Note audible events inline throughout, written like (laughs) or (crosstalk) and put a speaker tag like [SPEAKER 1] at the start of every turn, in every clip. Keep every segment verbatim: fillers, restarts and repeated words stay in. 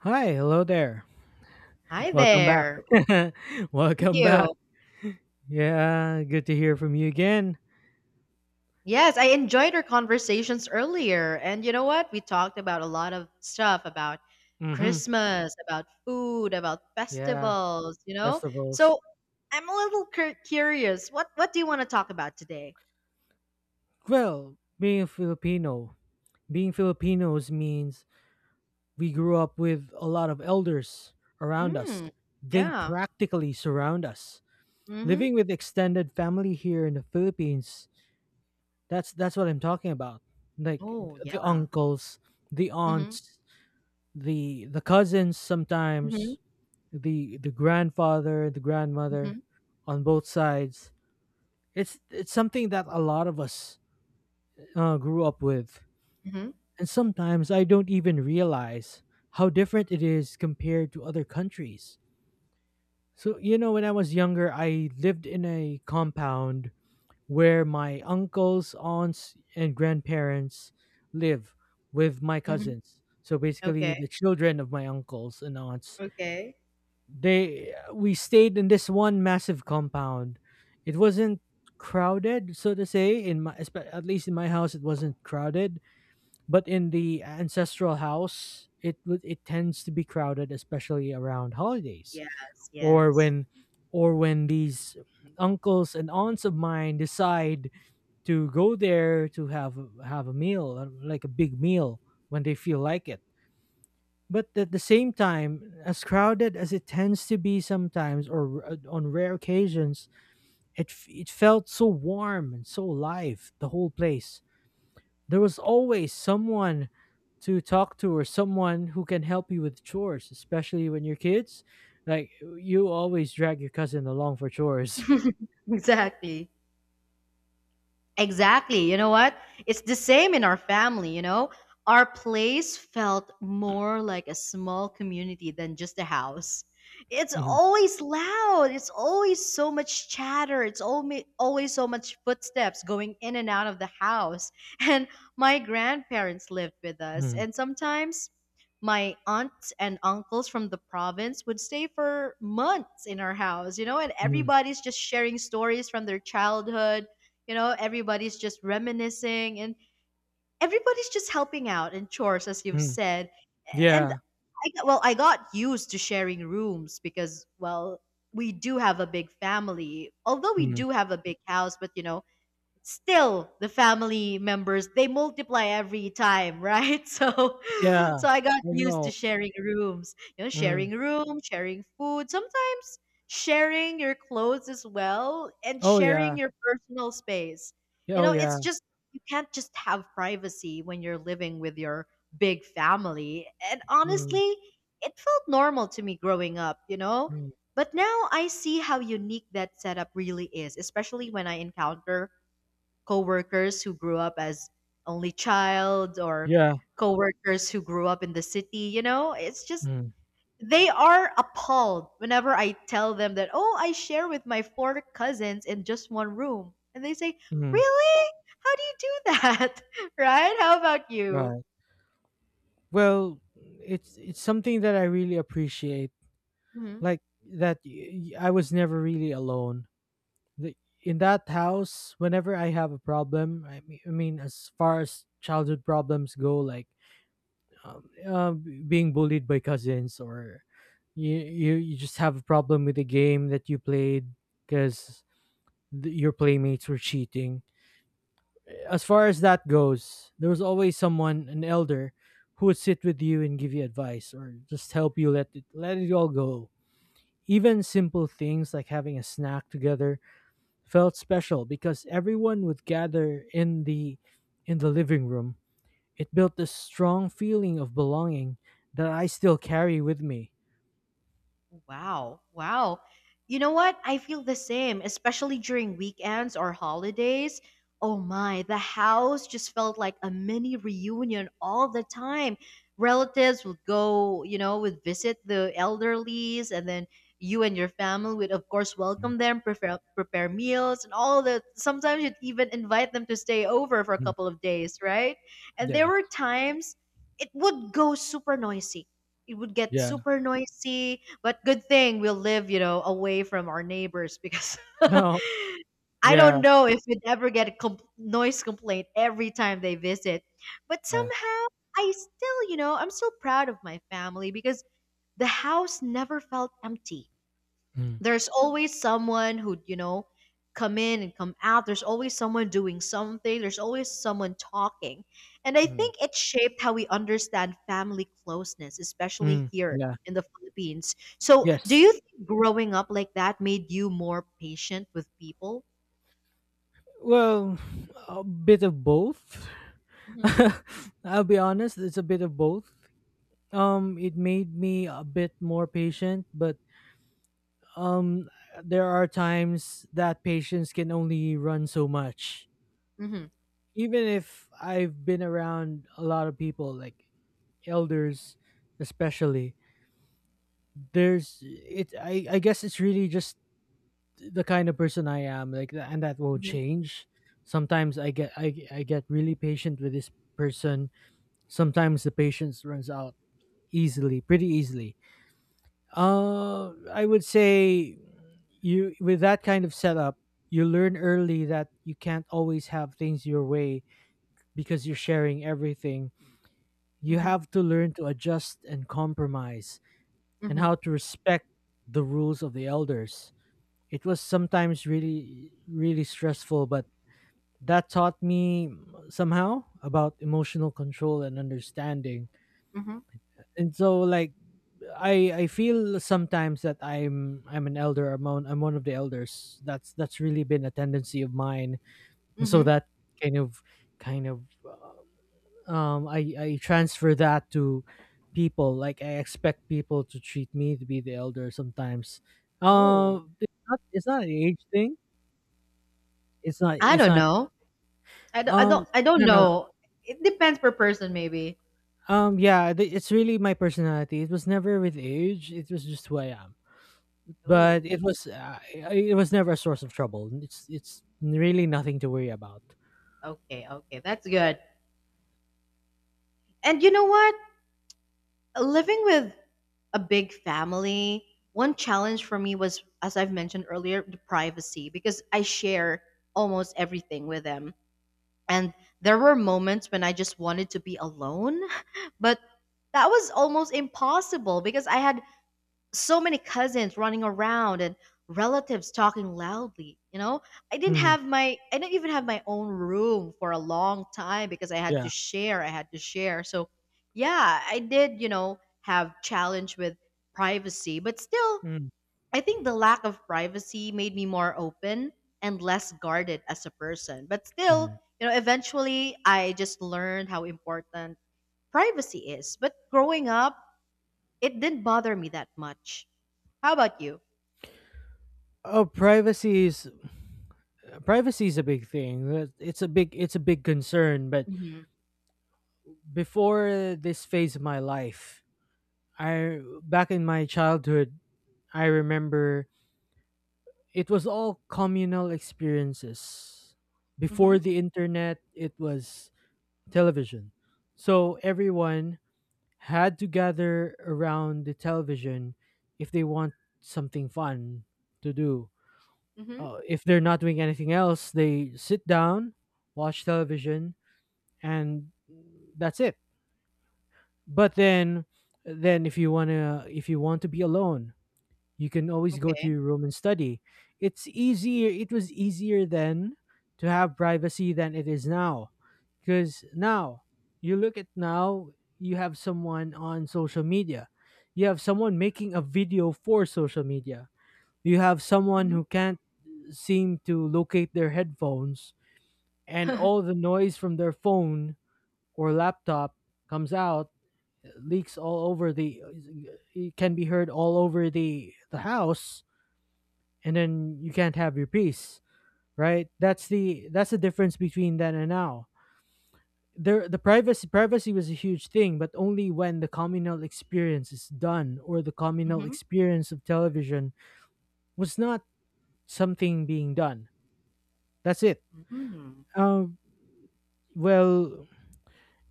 [SPEAKER 1] Hi, hello there.
[SPEAKER 2] Hi
[SPEAKER 1] Welcome
[SPEAKER 2] there.
[SPEAKER 1] back. (laughs)
[SPEAKER 2] Thank
[SPEAKER 1] Welcome back.
[SPEAKER 2] you.
[SPEAKER 1] Yeah, good to hear from you again.
[SPEAKER 2] Yes, I enjoyed our conversations earlier. And you know what? We talked about a lot of stuff about
[SPEAKER 1] Mm-hmm.
[SPEAKER 2] Christmas, about food, about
[SPEAKER 1] Yeah,
[SPEAKER 2] festivals, you know?
[SPEAKER 1] festivals.
[SPEAKER 2] So I'm a little cur- curious. What what do you want to talk about today?
[SPEAKER 1] Well, being a Filipino, being Filipinos means we grew up with a lot of elders around us.
[SPEAKER 2] Hmm.
[SPEAKER 1] They
[SPEAKER 2] Yeah.
[SPEAKER 1] practically surround us.
[SPEAKER 2] Mm-hmm.
[SPEAKER 1] Living with extended family here in the Philippines, that's that's what I'm talking about. Like
[SPEAKER 2] Oh,
[SPEAKER 1] the
[SPEAKER 2] yeah.
[SPEAKER 1] uncles, the
[SPEAKER 2] Mm-hmm.
[SPEAKER 1] aunts, the the cousins
[SPEAKER 2] Mm-hmm.
[SPEAKER 1] sometimes the the grandfather, the
[SPEAKER 2] Mm-hmm.
[SPEAKER 1] grandmother, on both sides. It's it's something that a lot of us uh, grew up with,
[SPEAKER 2] Mm-hmm.
[SPEAKER 1] and sometimes I don't even realize how different it is compared to other countries. So you know, when I was younger, I lived in a compound where my uncles, aunts, and grandparents live with my
[SPEAKER 2] Mm-hmm.
[SPEAKER 1] cousins. So basically,
[SPEAKER 2] Okay.
[SPEAKER 1] the children of my uncles and aunts
[SPEAKER 2] Okay.
[SPEAKER 1] they we stayed in this one massive compound. It wasn't crowded, so to say. In my espe- at least in my house, it wasn't crowded. But in the ancestral house, it would it tends to be crowded, especially around holidays
[SPEAKER 2] Yes.
[SPEAKER 1] or
[SPEAKER 2] Yes.
[SPEAKER 1] when or when these uncles and aunts of mine decide to go there to have have a meal, uh, like a big meal when they feel like it. But at the same time, as crowded as it tends to be sometimes, or r- uh, on rare occasions, it f- it felt so warm and so alive. The whole place. There was always someone to talk to, or someone who can help you with chores, especially when you're kids. Like uh, you always drag your cousin along for chores. (laughs)
[SPEAKER 2] (laughs) Exactly. Exactly. You know what? It's the same in our family, you know? Our place felt more like a small community than just a house. It's
[SPEAKER 1] Mhm,
[SPEAKER 2] always loud. It's always so much chatter. It's always always so much footsteps going in and out of the house. (laughs) And my grandparents lived with us,
[SPEAKER 1] mhm,
[SPEAKER 2] and sometimes my aunts and uncles from the province would stay for months in our house, you know, and
[SPEAKER 1] mhm,
[SPEAKER 2] everybody's just sharing stories from their childhood, you know, everybody's just reminiscing and everybody's just helping out in chores, as you've
[SPEAKER 1] mhm.
[SPEAKER 2] said. And
[SPEAKER 1] Yeah.
[SPEAKER 2] I got, well, I got used to sharing rooms because, well, we do have a big family. Although we
[SPEAKER 1] Mhm.
[SPEAKER 2] do have a big house, but you know, still the family members, they multiply every time, right? (laughs) So
[SPEAKER 1] Yeah.
[SPEAKER 2] so
[SPEAKER 1] I
[SPEAKER 2] I got used to
[SPEAKER 1] know.
[SPEAKER 2] sharing rooms, you know, sharing
[SPEAKER 1] Mm.
[SPEAKER 2] room, sharing food, sometimes sharing your clothes as well and
[SPEAKER 1] Oh
[SPEAKER 2] sharing
[SPEAKER 1] yeah.
[SPEAKER 2] your personal space,
[SPEAKER 1] Yeah,
[SPEAKER 2] you
[SPEAKER 1] oh
[SPEAKER 2] know, it's
[SPEAKER 1] yeah.
[SPEAKER 2] just you can't just have privacy when you're living with your big family. And
[SPEAKER 1] Mm.
[SPEAKER 2] honestly, it felt normal to me growing up, you know,
[SPEAKER 1] Mm.
[SPEAKER 2] but now I see how unique that setup really is, especially when I encounter coworkers who grew up as only child or
[SPEAKER 1] Yeah.
[SPEAKER 2] coworkers who grew up in the city, you know? It's just
[SPEAKER 1] Mm.
[SPEAKER 2] they are appalled whenever I tell them that, "Oh, I share with my four cousins in just one room." And they say,
[SPEAKER 1] Mm.
[SPEAKER 2] "Really? How do you do that?" (laughs) Right? How about you?
[SPEAKER 1] Right. Well, it's it's something that I really appreciate.
[SPEAKER 2] Mhm.
[SPEAKER 1] Like that y- y- I was never really alone. The, in that house, whenever I have a problem, I mean, I mean as far as childhood problems go, like um, uh, being bullied by cousins or you, you you just have a problem with a game that you played because your playmates were cheating, as far as that goes, there was always someone, an elder, who would sit with you and give you advice or just help you let it let it all go. Even simple things like having a snack together felt special because everyone would gather in the in the living room. It built this strong feeling of belonging that I still carry with me.
[SPEAKER 2] Wow. Wow. You know what? I feel the same, especially during weekends or holidays. Oh my, the house just felt like a mini reunion all the time. Relatives would go, you know, would visit the elderlies, and then you and your family would, of course,
[SPEAKER 1] Mm,
[SPEAKER 2] welcome them, prepare, prepare meals, and all that. Sometimes you'd even invite them to stay over for a
[SPEAKER 1] mm,
[SPEAKER 2] couple of days, right? And there
[SPEAKER 1] yeah.
[SPEAKER 2] were times it would go super noisy. It would get
[SPEAKER 1] Yeah. (laughs)
[SPEAKER 2] super noisy, but good thing we'll live, you know, away from our neighbors, because (laughs)
[SPEAKER 1] No.
[SPEAKER 2] I
[SPEAKER 1] Yeah.
[SPEAKER 2] don't know if we'd ever get a com- noise complaint every time they visit. But
[SPEAKER 1] Yeah.
[SPEAKER 2] somehow I still, you know, I'm still proud of my family because the house never felt empty.
[SPEAKER 1] Mm,
[SPEAKER 2] There's always someone who, you know, come in and come out. There's always someone doing something. There's always someone talking. And I
[SPEAKER 1] mm,
[SPEAKER 2] think it shaped how we understand family closeness, especially
[SPEAKER 1] mm,
[SPEAKER 2] here
[SPEAKER 1] yeah.
[SPEAKER 2] in the Philippines. So do you
[SPEAKER 1] Yes.
[SPEAKER 2] think growing up like that made you more patient with people?
[SPEAKER 1] Well, a bit of both.
[SPEAKER 2] Mm-hmm.
[SPEAKER 1] (laughs) I'll be honest, it's a bit of both. Um, it made me a bit more patient, but um, there are times that patience can only run so much.
[SPEAKER 2] Mm-hmm.
[SPEAKER 1] Even if I've been around a lot of people, like elders, especially, there's it. I I guess it's really just the kind of person I am, like, tha- and that won't change. Sometimes I get I I get really patient with this person. Sometimes the patience runs out easily, pretty easily. Uh, I would say you with that kind of setup, you learn early that you can't always have things your way because you're sharing everything. You
[SPEAKER 2] Mm-hmm.
[SPEAKER 1] have to learn to adjust and compromise and
[SPEAKER 2] Mm-hmm.
[SPEAKER 1] how to respect the rules of the elders. It was sometimes really, really stressful, but that taught me somehow about emotional control and understanding.
[SPEAKER 2] Mm-hmm.
[SPEAKER 1] And so, like, I I feel sometimes that I'm I'm an elder. I'm one, I'm one of the elders. That's that's really been a tendency of mine. And so
[SPEAKER 2] Mm-hmm.
[SPEAKER 1] that kind of kind of uh, um I I transfer that to people. Like I expect people to treat me to be the elder sometimes.
[SPEAKER 2] Oh,
[SPEAKER 1] Um, it's not it's not an age thing. It's not
[SPEAKER 2] I
[SPEAKER 1] it's
[SPEAKER 2] don't
[SPEAKER 1] not
[SPEAKER 2] know. i don't i
[SPEAKER 1] um
[SPEAKER 2] don't, I don't
[SPEAKER 1] no, no,
[SPEAKER 2] know. It depends per person maybe.
[SPEAKER 1] no. Um yeah. th- It's really my personality. It was never with age. It was just who I am.
[SPEAKER 2] Oh,
[SPEAKER 1] But it was uh, it was never a source of trouble. It's it's really nothing to worry about.
[SPEAKER 2] okay, okay, that's good. And you know what, living with a big family, one challenge for me was, as I've mentioned earlier, the privacy, because I share almost everything with them. And there were moments when I just wanted to be alone, but that was almost impossible because I had so many cousins running around and relatives talking loudly, you know. i didn't
[SPEAKER 1] Hmm.
[SPEAKER 2] have my I didn't even have my own room for a long time because i had to
[SPEAKER 1] Yeah.
[SPEAKER 2] share I had to share. So yeah, I did, you know, have challenge with privacy, but still,
[SPEAKER 1] Mm-hmm.
[SPEAKER 2] I think the lack of privacy made me more open and less guarded as a person. But still, you know, eventually I just learned how important privacy is. But growing up, it didn't bother me that much. How about you?
[SPEAKER 1] Oh, privacy is, privacy is a big thing. That- It's a big, it's a big concern. But
[SPEAKER 2] Mhm.
[SPEAKER 1] before this phase of my life, I back in my childhood, I remember it was all communal experiences. Before
[SPEAKER 2] Mhm.
[SPEAKER 1] the internet, it was television. So everyone had to gather around the television if they want something fun to do.
[SPEAKER 2] Mhm.
[SPEAKER 1] Uh, if they're not doing anything else, they sit down, watch television, and that's it. But then, then if you wanna, if you want to be alone, you can always go to
[SPEAKER 2] Okay.
[SPEAKER 1] your room and study. It's easier it was easier then to have privacy than it is now. Cuz now you look at now you have someone on social media. You have someone making a video for social media. You have someone
[SPEAKER 2] Mhm.
[SPEAKER 1] who can't seem to locate their headphones, and all the noise from their phone or laptop comes out, leaks all over the it can be heard all over the the house, and then you can't have your peace, right? That's the that's the difference between then and now. There, the privacy privacy was a huge thing, but only when the communal experience is done, or the communal
[SPEAKER 2] Mhm.
[SPEAKER 1] experience of television was not something being done. That's it.
[SPEAKER 2] Mhm.
[SPEAKER 1] Um, well,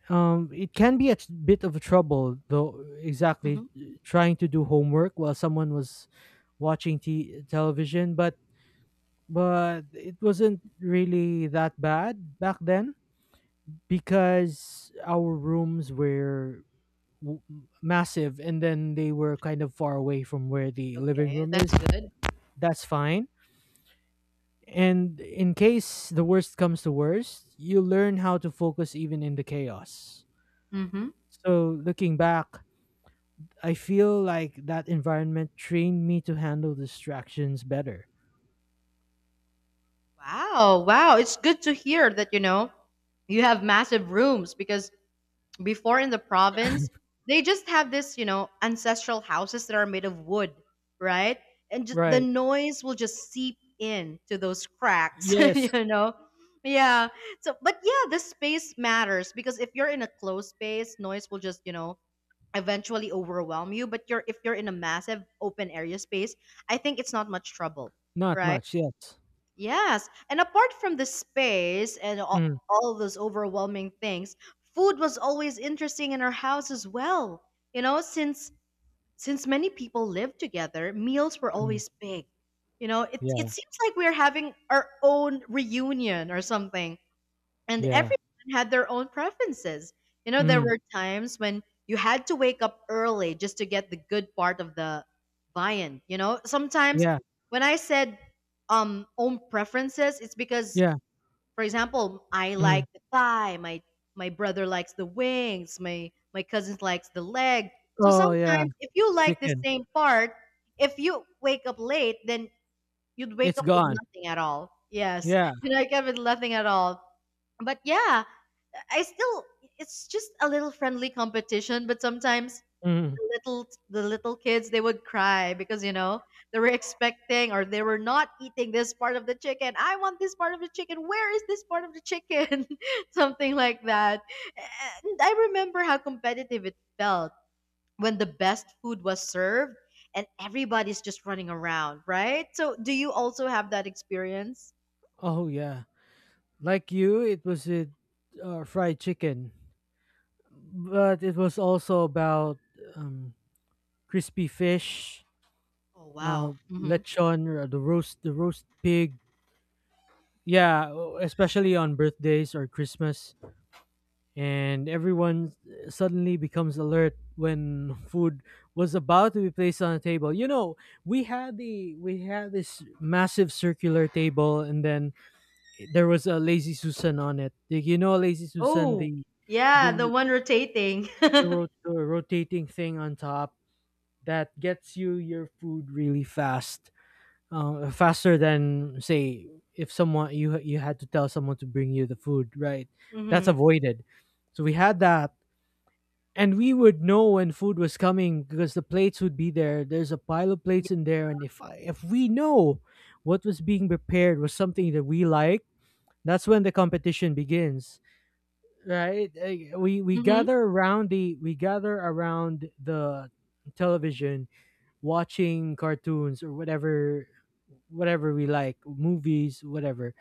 [SPEAKER 1] um, it can be a t- bit of a trouble though. Exactly,
[SPEAKER 2] Mhm.
[SPEAKER 1] trying to do homework while someone was watching t- television, but but it wasn't really that bad back then because our rooms were w- massive, and then they were kind of far away from where the living
[SPEAKER 2] Okay,
[SPEAKER 1] room
[SPEAKER 2] that's
[SPEAKER 1] is.
[SPEAKER 2] good.
[SPEAKER 1] That's fine. And in case the worst comes to worst, you learn how to focus even in the chaos.
[SPEAKER 2] Mhm.
[SPEAKER 1] So looking back, I feel like that environment trained me to handle distractions better.
[SPEAKER 2] Wow, wow. It's good to hear that, you know, you have massive rooms. Because before in the province, they just have this, you know, ancestral houses that are made of wood, right? And just, the
[SPEAKER 1] Right.
[SPEAKER 2] noise will just seep in to those cracks, (laughs) you
[SPEAKER 1] Yes.
[SPEAKER 2] know. Yeah. So, but yeah, the space matters because if you're in a closed space, noise will just, you know, eventually overwhelm you. But you're if you're in a massive open area space, I think it's not much trouble,
[SPEAKER 1] Not
[SPEAKER 2] right?
[SPEAKER 1] much, yes.
[SPEAKER 2] Yes, and apart from the space and
[SPEAKER 1] Mm.
[SPEAKER 2] all, all those overwhelming things, food was always interesting in our house as well. You know, since since many people lived together, meals were
[SPEAKER 1] Mm.
[SPEAKER 2] always big. You know, it it
[SPEAKER 1] Yeah.
[SPEAKER 2] seems like we're having our own reunion or something, and
[SPEAKER 1] Yeah.
[SPEAKER 2] everyone had their own preferences. You know, there
[SPEAKER 1] Mm.
[SPEAKER 2] were times when you had to wake up early just to get the good part of the viand. You know, sometimes
[SPEAKER 1] Yeah.
[SPEAKER 2] when I said um own preferences, it's because,
[SPEAKER 1] Yeah.
[SPEAKER 2] for example, I like
[SPEAKER 1] Mm.
[SPEAKER 2] the thigh, my my brother likes the wings, my my cousins likes the leg. So
[SPEAKER 1] Oh yeah.
[SPEAKER 2] sometimes if you like the
[SPEAKER 1] Chicken.
[SPEAKER 2] same part, if you wake up late, then you'd wake
[SPEAKER 1] It's
[SPEAKER 2] up with
[SPEAKER 1] gone.
[SPEAKER 2] nothing at all. Yes,
[SPEAKER 1] Yeah.
[SPEAKER 2] (laughs) you know, wake up with nothing at all. But yeah, I still, it's just a little friendly competition, but sometimes
[SPEAKER 1] Mhm.
[SPEAKER 2] the little the little kids they would cry because, you know, they were expecting or they were not eating this part of the chicken. I want this part of the chicken. Where is this part of the chicken? (laughs) Something like that. And I remember how competitive it felt when the best food was served and everybody's just running around, right? So do you also have that experience?
[SPEAKER 1] Oh yeah. Like you, it was with uh, fried chicken, but it was also about um, crispy fish,
[SPEAKER 2] Oh
[SPEAKER 1] uh,
[SPEAKER 2] wow.
[SPEAKER 1] lechon, or the roast, the roast pig. Yeah, o- especially on birthdays or Christmas, and everyone suddenly becomes alert when food was about to be placed on a table. You know, we had the we had this massive circular table, and then there was a Lazy Susan on it. Did you know Lazy Susan?
[SPEAKER 2] Oh,
[SPEAKER 1] The
[SPEAKER 2] yeah, the
[SPEAKER 1] the
[SPEAKER 2] one rotating. (laughs)
[SPEAKER 1] the rot- the rotating thing on top that gets you your food really fast, uh, faster than say if someone you you had to tell someone to bring you the food. Right, that's
[SPEAKER 2] Mm-hmm.
[SPEAKER 1] avoided. So we had that. And we would know when food was coming because the plates would be there. There's a pile of plates in there, and if I, if we know what was being prepared was something that we like, that's when the competition begins, right? Eh, We we
[SPEAKER 2] Mm-hmm.
[SPEAKER 1] gather around the we gather around the television, watching cartoons or whatever, whatever we like, movies, whatever.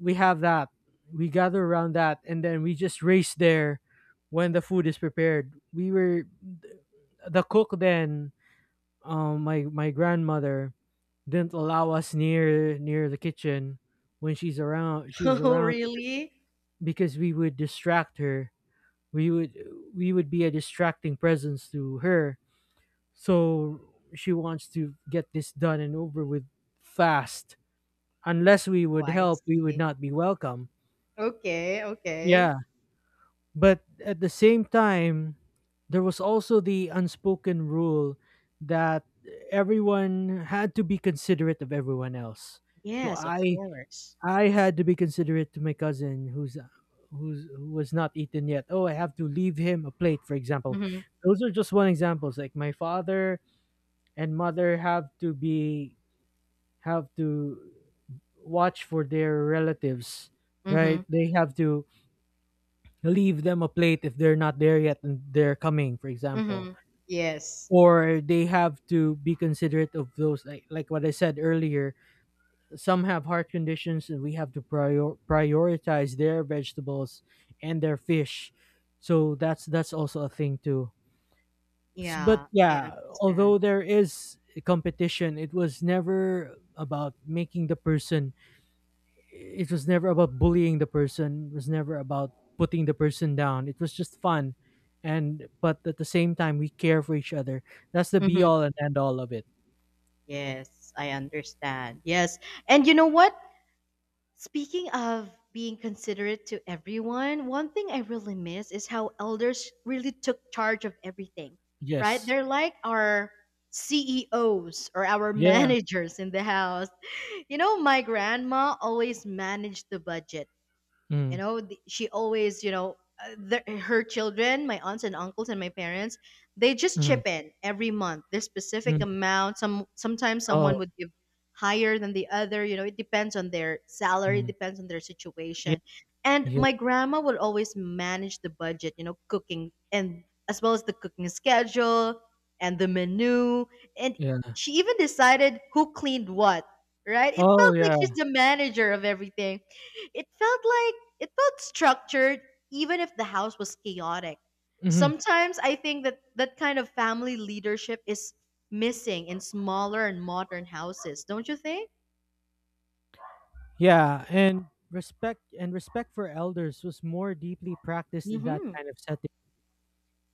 [SPEAKER 1] We have that. We gather around that, and then we just race there when the food is prepared. We were the cook then. um my my grandmother didn't allow us near near the kitchen when she's around she was
[SPEAKER 2] (laughs) Oh,
[SPEAKER 1] around, because
[SPEAKER 2] really?
[SPEAKER 1] because we would distract her. We would, we would be a distracting presence to her, so she wants to get this done and over with fast. Unless we
[SPEAKER 2] Oh,
[SPEAKER 1] would
[SPEAKER 2] I
[SPEAKER 1] help, we would
[SPEAKER 2] see.
[SPEAKER 1] not be welcome.
[SPEAKER 2] Okay, okay.
[SPEAKER 1] Yeah. But at the same time, there was also the unspoken rule that everyone had to be considerate of everyone else. So
[SPEAKER 2] Yes, of
[SPEAKER 1] i
[SPEAKER 2] course.
[SPEAKER 1] I had to be considerate to my cousin who's who's who was not eaten yet. Oh, I have to leave him a plate, for example.
[SPEAKER 2] Mm-hmm.
[SPEAKER 1] Those are just one examples. Like my father and mother have to be, have to watch for their relatives,
[SPEAKER 2] Mm-hmm.
[SPEAKER 1] right? They have to leave them a plate if they're not there yet and they're coming, for example.
[SPEAKER 2] Mm-hmm. Yes.
[SPEAKER 1] Or they have to be considerate of those, like like what I said earlier, some have heart conditions, and we have to prior- prioritize their vegetables and their fish. So that's that's also a thing too. S- But
[SPEAKER 2] Yeah, I
[SPEAKER 1] yeah,
[SPEAKER 2] understand.
[SPEAKER 1] although there is competition, it was never about making the person. It was never about bullying the person. It was never about putting the person down. It was just fun, and but at the same time, we care for each other. That's the be
[SPEAKER 2] Mm-hmm.
[SPEAKER 1] all and end all of it.
[SPEAKER 2] Yes, I understand. Yes. And you know what? Speaking of being considerate to everyone, one thing I really miss is how elders really took charge of everything, right?
[SPEAKER 1] Yes.
[SPEAKER 2] They're like our C E Os or our (laughs)
[SPEAKER 1] Yeah.
[SPEAKER 2] managers in the house. You know, my grandma always managed the budget, you
[SPEAKER 1] Mm,
[SPEAKER 2] know, the- she always, you know, uh, the, her children, my aunts and uncles and my parents, they just
[SPEAKER 1] mm,
[SPEAKER 2] chip in every month their specific
[SPEAKER 1] mm.
[SPEAKER 2] amount. Some sometimes someone
[SPEAKER 1] Oh.
[SPEAKER 2] would give higher than the other, you know, it depends on their salary, it
[SPEAKER 1] Mm.
[SPEAKER 2] depends on their
[SPEAKER 1] Yeah.
[SPEAKER 2] situation. And
[SPEAKER 1] Yeah.
[SPEAKER 2] my grandma would always manage the budget, you know, cooking and as well as the cooking schedule and the menu, and
[SPEAKER 1] Yeah.
[SPEAKER 2] she even decided who cleaned what, right? It
[SPEAKER 1] Oh,
[SPEAKER 2] felt like she's
[SPEAKER 1] yeah.
[SPEAKER 2] the manager of everything. it felt like it felt structured even if the house was chaotic.
[SPEAKER 1] Hmm.
[SPEAKER 2] Sometimes I think that that kind of family leadership is missing in smaller and modern houses, don't you think?
[SPEAKER 1] Yeah, and respect and respect for elders was more deeply practiced in that
[SPEAKER 2] Mhm.
[SPEAKER 1] time.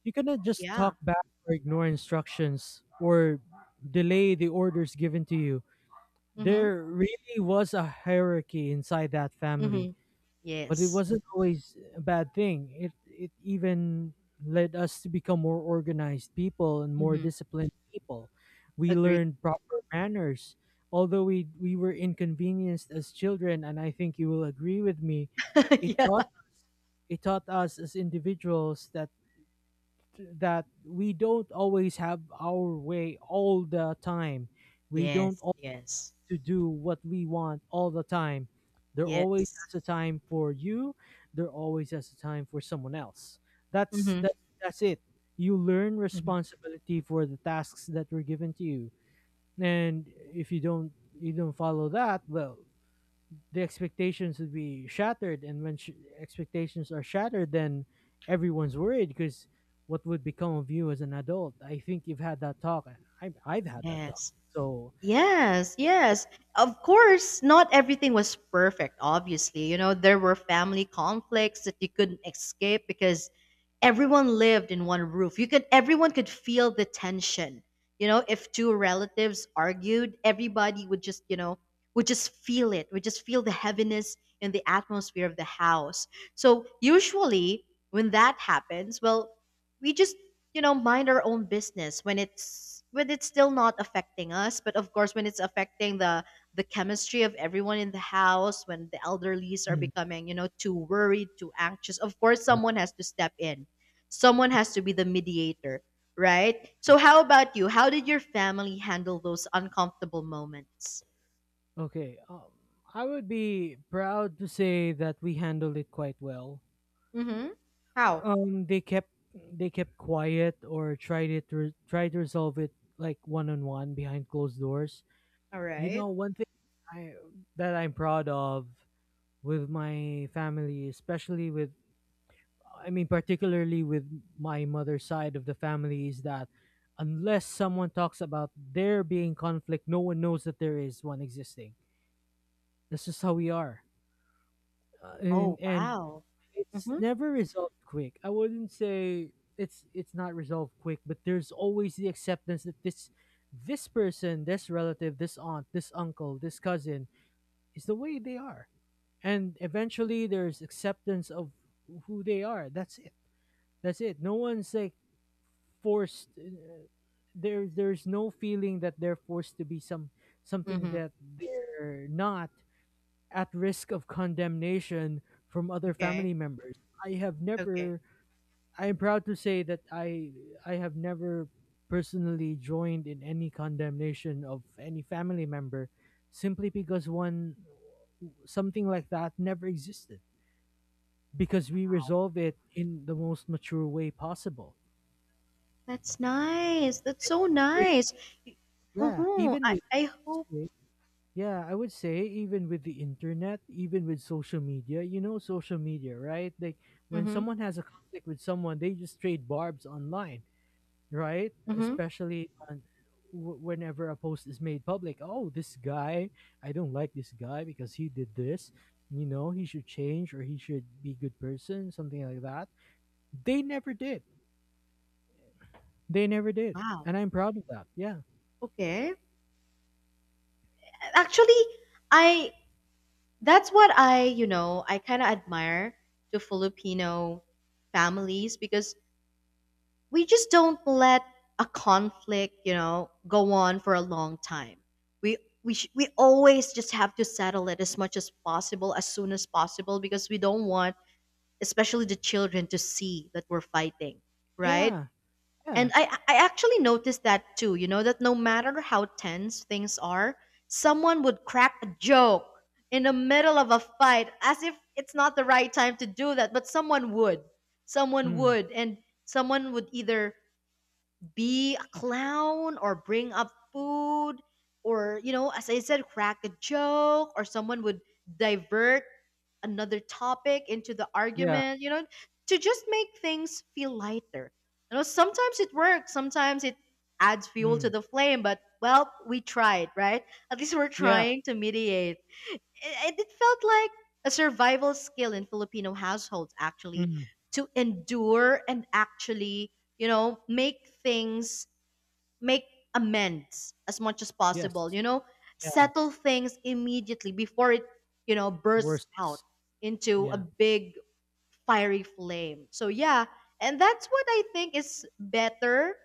[SPEAKER 1] You cannot just
[SPEAKER 2] Yeah.
[SPEAKER 1] talk back or ignore instructions or delay the orders given to you.
[SPEAKER 2] Mhm.
[SPEAKER 1] There really was a hierarchy inside that family.
[SPEAKER 2] Mhm.
[SPEAKER 1] But it
[SPEAKER 2] Yes.
[SPEAKER 1] wasn't always a bad thing. It it even led us to become more organized people and more
[SPEAKER 2] Mhm.
[SPEAKER 1] disciplined people. We
[SPEAKER 2] Agree.
[SPEAKER 1] learned proper manners, although we we were inconvenienced as children, and I think you will agree with me.
[SPEAKER 2] (laughs)
[SPEAKER 1] It
[SPEAKER 2] Yeah.
[SPEAKER 1] taught it taught us as individuals that that we don't always have our way all the time. We don't
[SPEAKER 2] Yes, yes,
[SPEAKER 1] to do what we want all the time. There always
[SPEAKER 2] yes.
[SPEAKER 1] has a time for you. There always has a time for someone else. That's
[SPEAKER 2] Hmm.
[SPEAKER 1] that. That's it. You learn
[SPEAKER 2] Hmm.
[SPEAKER 1] responsibility for the tasks that were given to you, and if you don't you don't follow that, well, the expectations would be shattered. And when sh- expectations are shattered, then everyone's worried because what would become of you as an adult? I think you've had that talk. I, I've had that talk.
[SPEAKER 2] Yes,
[SPEAKER 1] So.
[SPEAKER 2] yes, yes. Of course, not everything was perfect, obviously. You know, there were family conflicts that you couldn't escape because everyone lived in one roof. You could Everyone could feel the tension. You know, if two relatives argued, everybody would just, you know, would just feel it. Would just feel the heaviness in the atmosphere of the house. So usually when that happens, well, we just, you know, mind our own business when it's when it's still not affecting us, but of course when it's affecting the the chemistry of everyone in the house, when the elderlies are
[SPEAKER 1] mm,
[SPEAKER 2] becoming, you know, too worried, too anxious, of course someone has to step in. Someone has to be the mediator, right? So how about you? How did your family handle those uncomfortable moments?
[SPEAKER 1] Okay, um, I would be proud to say that we handled it quite well.
[SPEAKER 2] Mm-hmm. How?
[SPEAKER 1] Um, they kept they kept quiet or tried it re- tried to resolve it like one on one behind closed doors.
[SPEAKER 2] All
[SPEAKER 1] You
[SPEAKER 2] right.
[SPEAKER 1] know, one thing I that I'm proud of with my family, especially with I mean particularly with my mother's side of the family, is that unless someone talks about there being conflict, no one knows that there is one existing. That's just how we are. Uh,
[SPEAKER 2] Oh
[SPEAKER 1] and and
[SPEAKER 2] wow.
[SPEAKER 1] it's
[SPEAKER 2] Mm-hmm.
[SPEAKER 1] never resolved quick. I wouldn't say it's it's not resolved quick, but there's always the acceptance that this this person, this relative, this aunt, this uncle, this cousin is the way they are. And eventually there's acceptance of who they are. That's it. That's it. No one's like forced uh, there there's no feeling that they're forced to be some something
[SPEAKER 2] Mm-hmm.
[SPEAKER 1] that they're not, at risk of condemnation from other
[SPEAKER 2] Okay.
[SPEAKER 1] family members. I have
[SPEAKER 2] Okay.
[SPEAKER 1] never I am proud to say that I I have never personally joined in any condemnation of any family member simply because one something like that never existed because we
[SPEAKER 2] Wow.
[SPEAKER 1] resolve it in the most mature way possible.
[SPEAKER 2] That's nice. That's so
[SPEAKER 1] With
[SPEAKER 2] nice.
[SPEAKER 1] yeah,
[SPEAKER 2] Mm-hmm.
[SPEAKER 1] even
[SPEAKER 2] I,
[SPEAKER 1] with
[SPEAKER 2] I hope.
[SPEAKER 1] Yeah, I would say even with the internet, even with social media, you know, social media, right? Like when
[SPEAKER 2] Mm-hmm.
[SPEAKER 1] someone has a conflict with someone, they just trade barbs online, right?
[SPEAKER 2] Mm-hmm.
[SPEAKER 1] Especially on w- whenever a post is made public. Oh, this guy, I don't like this guy because he did this. You know, he should change or he should be a good person, something like that. They never did. They never did,
[SPEAKER 2] Wow.
[SPEAKER 1] and I'm proud of that. Yeah,
[SPEAKER 2] Okay. Actually, I that's what I, you know, I kind of admire to Filipino families because we just don't let a conflict, you know, go on for a long time. We we sh- we always just have to settle it as much as possible, as soon as possible, because we don't want, especially the children, to see that we're fighting, right?
[SPEAKER 1] yeah, yeah,
[SPEAKER 2] And I I actually noticed that too. You know that no matter how tense things are, someone would crack a joke in the middle of a fight as if it's not the right time to do that, but someone would, someone
[SPEAKER 1] mm,
[SPEAKER 2] would, and someone would either be a clown or bring up food or you know as I said crack a joke, or someone would divert another topic into the
[SPEAKER 1] yeah,
[SPEAKER 2] argument, you know to just make things feel lighter. You know sometimes it works, sometimes it adds fuel to
[SPEAKER 1] mm,
[SPEAKER 2] the flame, but well, we tried, right? At least we're
[SPEAKER 1] yeah,
[SPEAKER 2] trying to mediate, and it felt like a survival skill in Filipino households actually,
[SPEAKER 1] mm,
[SPEAKER 2] to endure and actually, you know, make things make amends as much as possible,
[SPEAKER 1] yes.
[SPEAKER 2] you know, settle things immediately before it, you know, bursts out
[SPEAKER 1] Worse.
[SPEAKER 2] into a
[SPEAKER 1] Yeah.
[SPEAKER 2] big fiery flame. So yeah, and that's what I think is better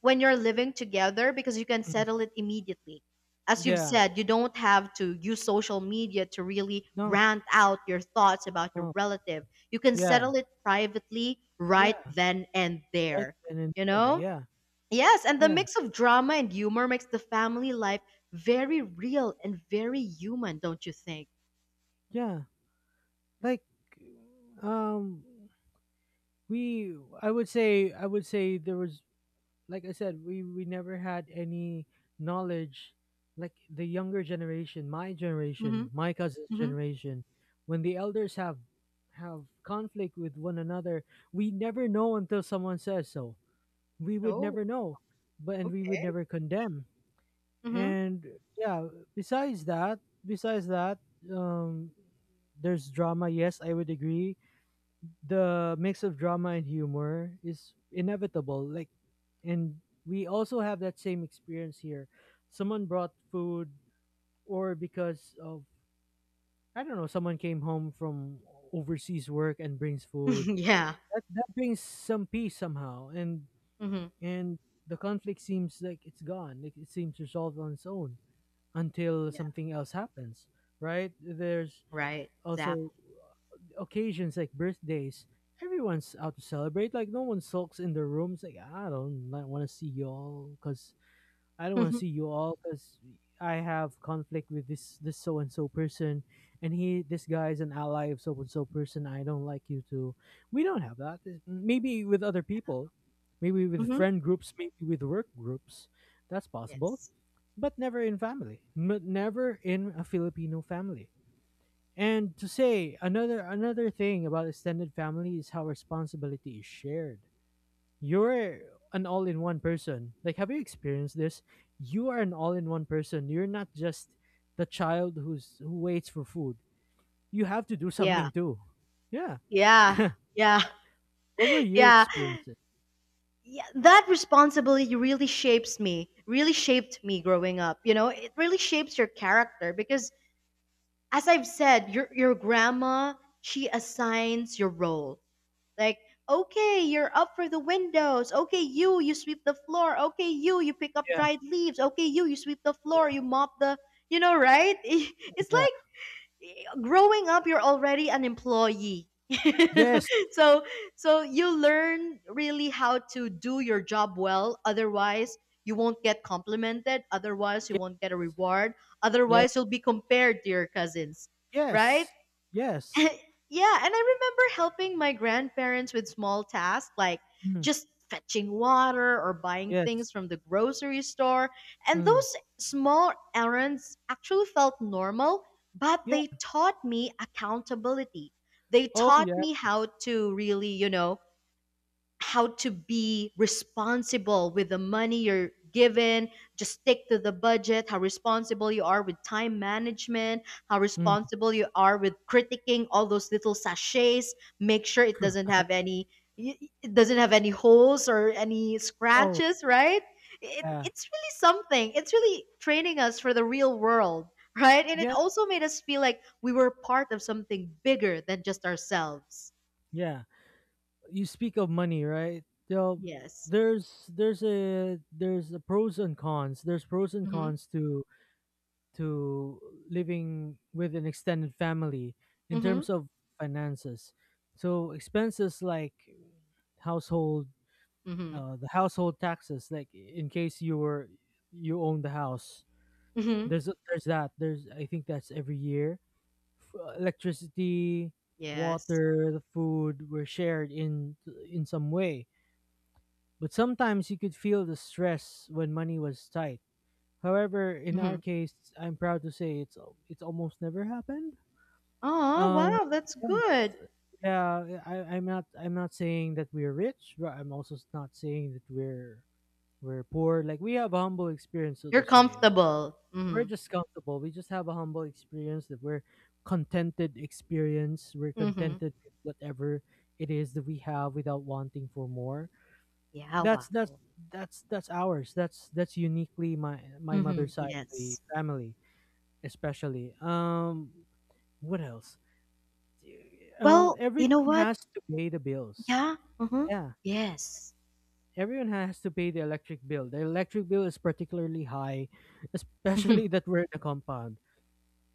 [SPEAKER 2] when you're living together, because you can
[SPEAKER 1] Mm.
[SPEAKER 2] settle it immediately. As you've
[SPEAKER 1] Yeah.
[SPEAKER 2] said, you don't have to use social media to really
[SPEAKER 1] No.
[SPEAKER 2] rant out your thoughts about your
[SPEAKER 1] No.
[SPEAKER 2] relative. You can
[SPEAKER 1] Yeah.
[SPEAKER 2] settle it privately right
[SPEAKER 1] Yeah.
[SPEAKER 2] then and
[SPEAKER 1] Right
[SPEAKER 2] there.
[SPEAKER 1] then and
[SPEAKER 2] You
[SPEAKER 1] there.
[SPEAKER 2] know?
[SPEAKER 1] Yeah.
[SPEAKER 2] Yes, and the
[SPEAKER 1] Yeah.
[SPEAKER 2] mix of drama and humor makes the family life very real and very human, don't you think?
[SPEAKER 1] Yeah. Like, um, we. I would say. I would say there was. Like I said, we we never had any knowledge. Like the younger generation, my generation,
[SPEAKER 2] Mm-hmm.
[SPEAKER 1] my cousin's
[SPEAKER 2] Mm-hmm.
[SPEAKER 1] generation, when the elders have have conflict with one another, we never know until someone says so. We would
[SPEAKER 2] Oh,
[SPEAKER 1] never know, but and we would
[SPEAKER 2] okay.
[SPEAKER 1] never condemn,
[SPEAKER 2] Mm-hmm.
[SPEAKER 1] and yeah, besides that besides that, um there's drama, yes, I would agree. The mix of drama and humor is inevitable. Like and We also have that same experience here. Someone brought food, or because of, I don't know, someone came home from overseas work and brings
[SPEAKER 2] (laughs)
[SPEAKER 1] food.
[SPEAKER 2] yeah.
[SPEAKER 1] That that brings some peace somehow, and
[SPEAKER 2] Mhm.
[SPEAKER 1] and the conflict seems like it's gone, like it seems resolved on its own until
[SPEAKER 2] Yeah,
[SPEAKER 1] something else happens, right? There's
[SPEAKER 2] right, exactly.
[SPEAKER 1] also uh, occasions like birthdays. Everyone's out to celebrate. Like no one sulks in their rooms. Like I don't want to see you all because I don't want to
[SPEAKER 2] Mhm,
[SPEAKER 1] see you all because I have conflict with this this so and so person, and he this guy is an ally of so and so person. I don't like you too. We don't have that. Maybe with other people, maybe with
[SPEAKER 2] mhm.
[SPEAKER 1] friend groups, maybe with work groups. That's possible,
[SPEAKER 2] Yes.
[SPEAKER 1] but never in family, but never in a Filipino family. And to say another another thing about extended family is how responsibility is shared. You're an all-in-one person. Like, have you experienced this? You are an all-in-one person. You're not just the child who's who waits for food. You have to do
[SPEAKER 2] Yeah,
[SPEAKER 1] something too. Yeah.
[SPEAKER 2] yeah, yeah,
[SPEAKER 1] What were
[SPEAKER 2] (laughs)
[SPEAKER 1] your
[SPEAKER 2] yeah.
[SPEAKER 1] experiences?
[SPEAKER 2] Yeah, that responsibility really shapes me, really shaped me growing up. You know, it really shapes your character because, as I've said, your your grandma, she assigns your role. Like, okay, you're up for the windows. Okay, you you sweep the floor. Okay, you you pick up
[SPEAKER 1] Yeah.
[SPEAKER 2] dried leaves. Okay, you you sweep the floor. You mop the. You know, right? (laughs) It's
[SPEAKER 1] Yeah.
[SPEAKER 2] like growing up, you're already an employee.
[SPEAKER 1] Yes.
[SPEAKER 2] (laughs) So so you learn really how to do your job well, otherwise you won't get complimented, otherwise you
[SPEAKER 1] Yes.
[SPEAKER 2] won't get a reward,
[SPEAKER 1] Yes.
[SPEAKER 2] otherwise you'll be compared to your cousins, right?
[SPEAKER 1] Yes.
[SPEAKER 2] (laughs)
[SPEAKER 1] Yes.
[SPEAKER 2] Yeah, and I remember helping my grandparents with small tasks, like
[SPEAKER 1] Mm.
[SPEAKER 2] just fetching water or buying things
[SPEAKER 1] Yes.
[SPEAKER 2] from the grocery store. And
[SPEAKER 1] Mm.
[SPEAKER 2] those small errands actually felt normal, but
[SPEAKER 1] Yeah.
[SPEAKER 2] they taught me accountability. They
[SPEAKER 1] Oh
[SPEAKER 2] taught
[SPEAKER 1] yeah.
[SPEAKER 2] me how to really, you know, how to be responsible with the money you're given. Just stick to the budget. How responsible you are with time management, how
[SPEAKER 1] Mm.
[SPEAKER 2] responsible you are with critiquing all those little sachets. Make sure it doesn't have any y- it doesn't have any holes or any
[SPEAKER 1] Oh.
[SPEAKER 2] scratches, right? it,
[SPEAKER 1] Yeah,
[SPEAKER 2] it's really something. It's really training us for the real world, right? And it
[SPEAKER 1] yeah,
[SPEAKER 2] also made us feel like we were part of something bigger than just ourselves.
[SPEAKER 1] yeah. You speak of money, right? So
[SPEAKER 2] Yes.
[SPEAKER 1] there's there's a there's a pros and cons. There's pros and
[SPEAKER 2] Mm-hmm.
[SPEAKER 1] cons to to living with an extended family in
[SPEAKER 2] Mm-hmm.
[SPEAKER 1] terms of finances. So expenses like household,
[SPEAKER 2] Mm-hmm.
[SPEAKER 1] uh, the household taxes, like in case you were you own the house.
[SPEAKER 2] Mhm.
[SPEAKER 1] There's there's that. There's I think that's every year, f- uh, electricity,
[SPEAKER 2] Yes.
[SPEAKER 1] water, the food were shared in in some way. But sometimes you could feel the stress when money was tight. However, in our
[SPEAKER 2] Mhm.
[SPEAKER 1] case, I'm proud to say it's al- it's almost never happened.
[SPEAKER 2] Oh,
[SPEAKER 1] Um,
[SPEAKER 2] wow, that's
[SPEAKER 1] yeah,
[SPEAKER 2] good.
[SPEAKER 1] it's, yeah. I, I'm not I'm not saying that we're rich, but I'm also s- not saying that we're we're poor. Like we have a humble experience, so
[SPEAKER 2] You're
[SPEAKER 1] to say. Like,
[SPEAKER 2] comfortable.
[SPEAKER 1] we're
[SPEAKER 2] Mhm.
[SPEAKER 1] just comfortable. We just have a humble experience that we're contented experience. We're
[SPEAKER 2] Mhm.
[SPEAKER 1] contented with whatever it is that we have without wanting for more.
[SPEAKER 2] Yeah, wow.
[SPEAKER 1] That's that's that's that's ours. That's that's uniquely my my
[SPEAKER 2] Mhm.
[SPEAKER 1] mother's side of the
[SPEAKER 2] Yes.
[SPEAKER 1] family, especially. Um what else? Um
[SPEAKER 2] Well, you know
[SPEAKER 1] everyone
[SPEAKER 2] what?
[SPEAKER 1] has to pay the bills.
[SPEAKER 2] Yeah. Mhm.
[SPEAKER 1] Yeah.
[SPEAKER 2] Yes.
[SPEAKER 1] Everyone has to pay the electric bill. The electric bill is particularly high,
[SPEAKER 2] Mhm.
[SPEAKER 1] especially that we're in a compound.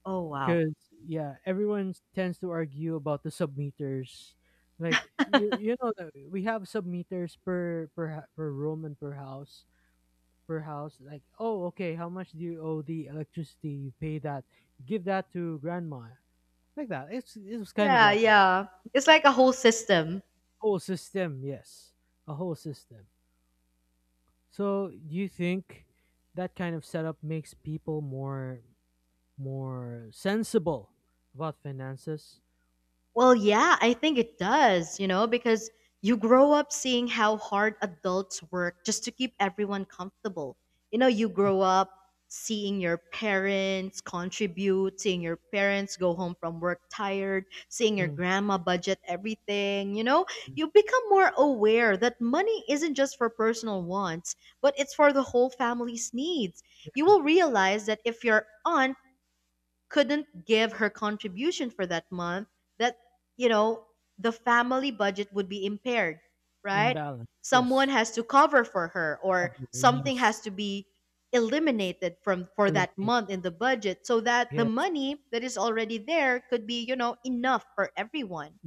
[SPEAKER 2] Oh, wow.
[SPEAKER 1] Because yeah, everyone tends to argue about the submeters. Like you, you know that we have submeters per per ha- per room and per house per house. Like oh, okay, how much do you owe the electricity? You pay that. Give that to grandma. Like that. It's it was kind of
[SPEAKER 2] Yeah,
[SPEAKER 1] like that.
[SPEAKER 2] yeah. It's like a whole system.
[SPEAKER 1] Whole system, yes, a whole system. So do you think that kind of setup makes people more more sensible about finances?
[SPEAKER 2] Well, yeah, I think it does, you know, because you grow up seeing how hard adults work just to keep everyone comfortable. You know, you grow up seeing your parents contribute, seeing your parents go home from work tired, seeing your
[SPEAKER 1] Mm,
[SPEAKER 2] grandma budget everything. You know, you become more aware that money isn't just for personal wants, but it's for the whole family's needs. You will realize that if your aunt couldn't give her contribution for that month, that, you know, the family budget would be impaired, right?
[SPEAKER 1] imbalance.
[SPEAKER 2] Someone
[SPEAKER 1] Yes.
[SPEAKER 2] has to cover for her, or
[SPEAKER 1] Cover.
[SPEAKER 2] something
[SPEAKER 1] Yes.
[SPEAKER 2] has to be eliminated from for that
[SPEAKER 1] Eliminate.
[SPEAKER 2] month in the budget, so that the
[SPEAKER 1] Yes.
[SPEAKER 2] money that is already there could be, you know, enough for everyone.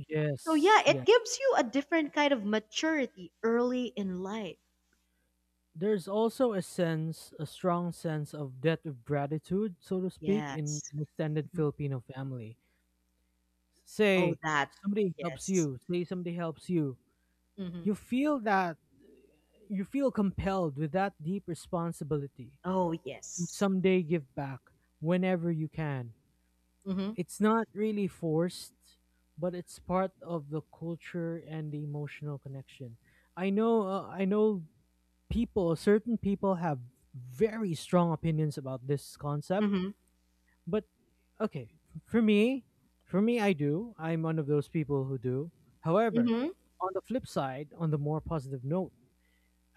[SPEAKER 2] So yeah,
[SPEAKER 1] Yes.
[SPEAKER 2] it
[SPEAKER 1] Yeah.
[SPEAKER 2] gives you a different kind of maturity early in life.
[SPEAKER 1] There's also a sense, a strong sense of debt of gratitude, so to speak, in
[SPEAKER 2] Yes.
[SPEAKER 1] an extended
[SPEAKER 2] Mhm.
[SPEAKER 1] Filipino family.
[SPEAKER 2] Oh,
[SPEAKER 1] Say
[SPEAKER 2] that.
[SPEAKER 1] somebody helps
[SPEAKER 2] Yes.
[SPEAKER 1] you, Say somebody helps you.
[SPEAKER 2] Hmm.
[SPEAKER 1] You feel that You feel compelled with that deep responsibility
[SPEAKER 2] Oh,
[SPEAKER 1] to
[SPEAKER 2] yes.
[SPEAKER 1] someday give back whenever you can.
[SPEAKER 2] Hmm.
[SPEAKER 1] It's not really forced, but it's part of the culture and the emotional connection. I know uh, I know people, certain people have very strong opinions about this concept,
[SPEAKER 2] Hmm.
[SPEAKER 1] but okay, for me, for me I do. I'm one of those people who do. However,
[SPEAKER 2] Mhm.
[SPEAKER 1] on the flip side, on the more positive note,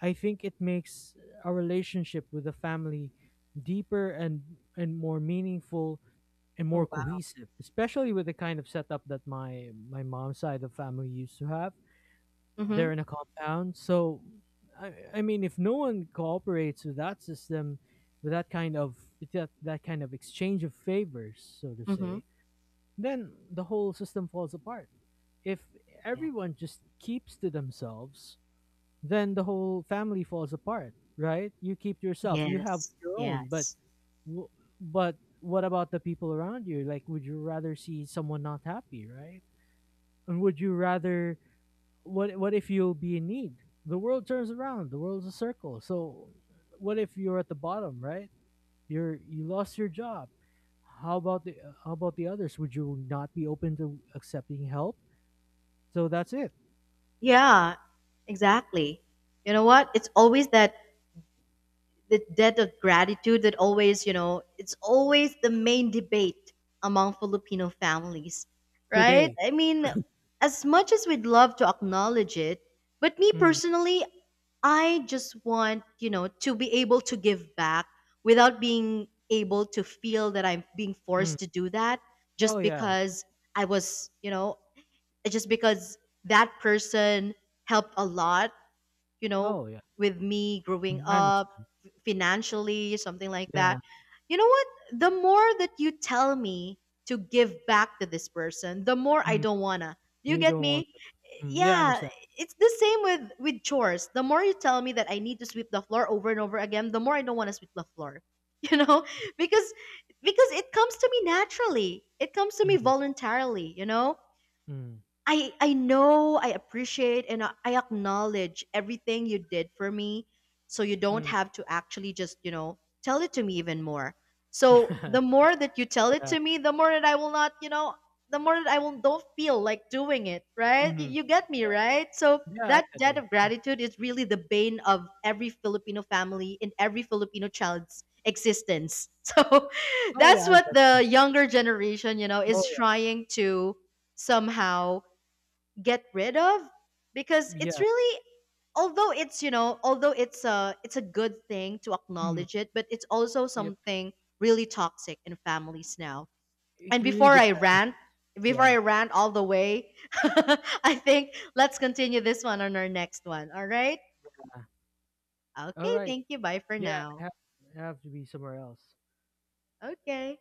[SPEAKER 1] I think it makes our relationship with the family deeper and and more meaningful and more
[SPEAKER 2] Oh, wow.
[SPEAKER 1] cohesive, especially with the kind of setup that my my mom's side of family used to have.
[SPEAKER 2] Mhm.
[SPEAKER 1] They're in a compound, so I, I mean, if no one cooperates with that system, with that kind of with that, that kind of exchange of favors, so to
[SPEAKER 2] Mhm.
[SPEAKER 1] say, then the whole system falls apart. If
[SPEAKER 2] Yeah.
[SPEAKER 1] everyone just keeps to themselves, then the whole family falls apart, right? You keep to yourself. You have
[SPEAKER 2] Yes.
[SPEAKER 1] your own, but
[SPEAKER 2] Yes.
[SPEAKER 1] W- but what about the people around you? Like, would you rather see someone not happy, right? And would you rather what? What if you'll be in need? The world turns around. The world's a circle. So, what if you're at the bottom, right? You're you lost your job. How about the uh, how about the others? Would you not be open to accepting help? So that's it
[SPEAKER 2] Yeah, exactly. You know what? It's always that the debt of gratitude that always, you know, it's always the main debate among Filipino families, right?
[SPEAKER 1] today.
[SPEAKER 2] I mean, as much as we'd love to acknowledge it, but me
[SPEAKER 1] Mm,
[SPEAKER 2] personally, I just want, you know, to be able to give back without being able to feel that I'm being
[SPEAKER 1] mm.
[SPEAKER 2] forced to do that
[SPEAKER 1] Oh
[SPEAKER 2] just
[SPEAKER 1] yeah.
[SPEAKER 2] because I was, you know, just because that person helped a lot, you know,
[SPEAKER 1] Oh yeah.
[SPEAKER 2] with me growing
[SPEAKER 1] Mm, I
[SPEAKER 2] up
[SPEAKER 1] understand.
[SPEAKER 2] financially, something like that.
[SPEAKER 1] Yeah.
[SPEAKER 2] You know what? The more that you tell me to give back to this person, the more I
[SPEAKER 1] Mm,
[SPEAKER 2] don't wanna. Do you
[SPEAKER 1] you
[SPEAKER 2] get
[SPEAKER 1] don't want
[SPEAKER 2] me?
[SPEAKER 1] to. Mm, yeah, I
[SPEAKER 2] Yeah,
[SPEAKER 1] understand.
[SPEAKER 2] it's the same with with chores. The more you tell me that I need to sweep the floor over and over again, the more I don't want to sweep the floor. (laughs) You know, because because it comes to me naturally. It comes to me
[SPEAKER 1] Mm,
[SPEAKER 2] voluntarily, you know?
[SPEAKER 1] mm,
[SPEAKER 2] I I know, I appreciate and I I acknowledge everything you did for me. So you don't
[SPEAKER 1] mm.
[SPEAKER 2] have to actually just, you know, tell it to me even more. So the
[SPEAKER 1] (laughs)
[SPEAKER 2] more that you tell it
[SPEAKER 1] yeah.
[SPEAKER 2] to me, the more that I will not, you know, the more that I will don't feel like doing it, right? You,
[SPEAKER 1] Mhm.
[SPEAKER 2] you get me,
[SPEAKER 1] Yeah.
[SPEAKER 2] right? So
[SPEAKER 1] Yeah, I
[SPEAKER 2] that
[SPEAKER 1] got
[SPEAKER 2] debt
[SPEAKER 1] you.
[SPEAKER 2] of gratitude is really the bane of every Filipino family and every Filipino child's existence. (laughs) So
[SPEAKER 1] Oh, yeah,
[SPEAKER 2] that's
[SPEAKER 1] I
[SPEAKER 2] what
[SPEAKER 1] got
[SPEAKER 2] the younger generation, you know,
[SPEAKER 1] you. Oh,
[SPEAKER 2] is
[SPEAKER 1] yeah.
[SPEAKER 2] trying to somehow get rid of, because it's
[SPEAKER 1] Yeah.
[SPEAKER 2] really, although it's you know although it's a it's a good thing to
[SPEAKER 1] Mhm.
[SPEAKER 2] acknowledge it, but it's also
[SPEAKER 1] Yeah.
[SPEAKER 2] something really toxic in families now.
[SPEAKER 1] It
[SPEAKER 2] And
[SPEAKER 1] really
[SPEAKER 2] before i
[SPEAKER 1] depends.
[SPEAKER 2] rant before
[SPEAKER 1] Yeah.
[SPEAKER 2] I rant all the way, (laughs) I think let's continue this one on our next one, all right?
[SPEAKER 1] All
[SPEAKER 2] Okay,
[SPEAKER 1] right.
[SPEAKER 2] thank you, bye for
[SPEAKER 1] Yeah, I
[SPEAKER 2] now.
[SPEAKER 1] have, I have to be somewhere else.
[SPEAKER 2] Okay.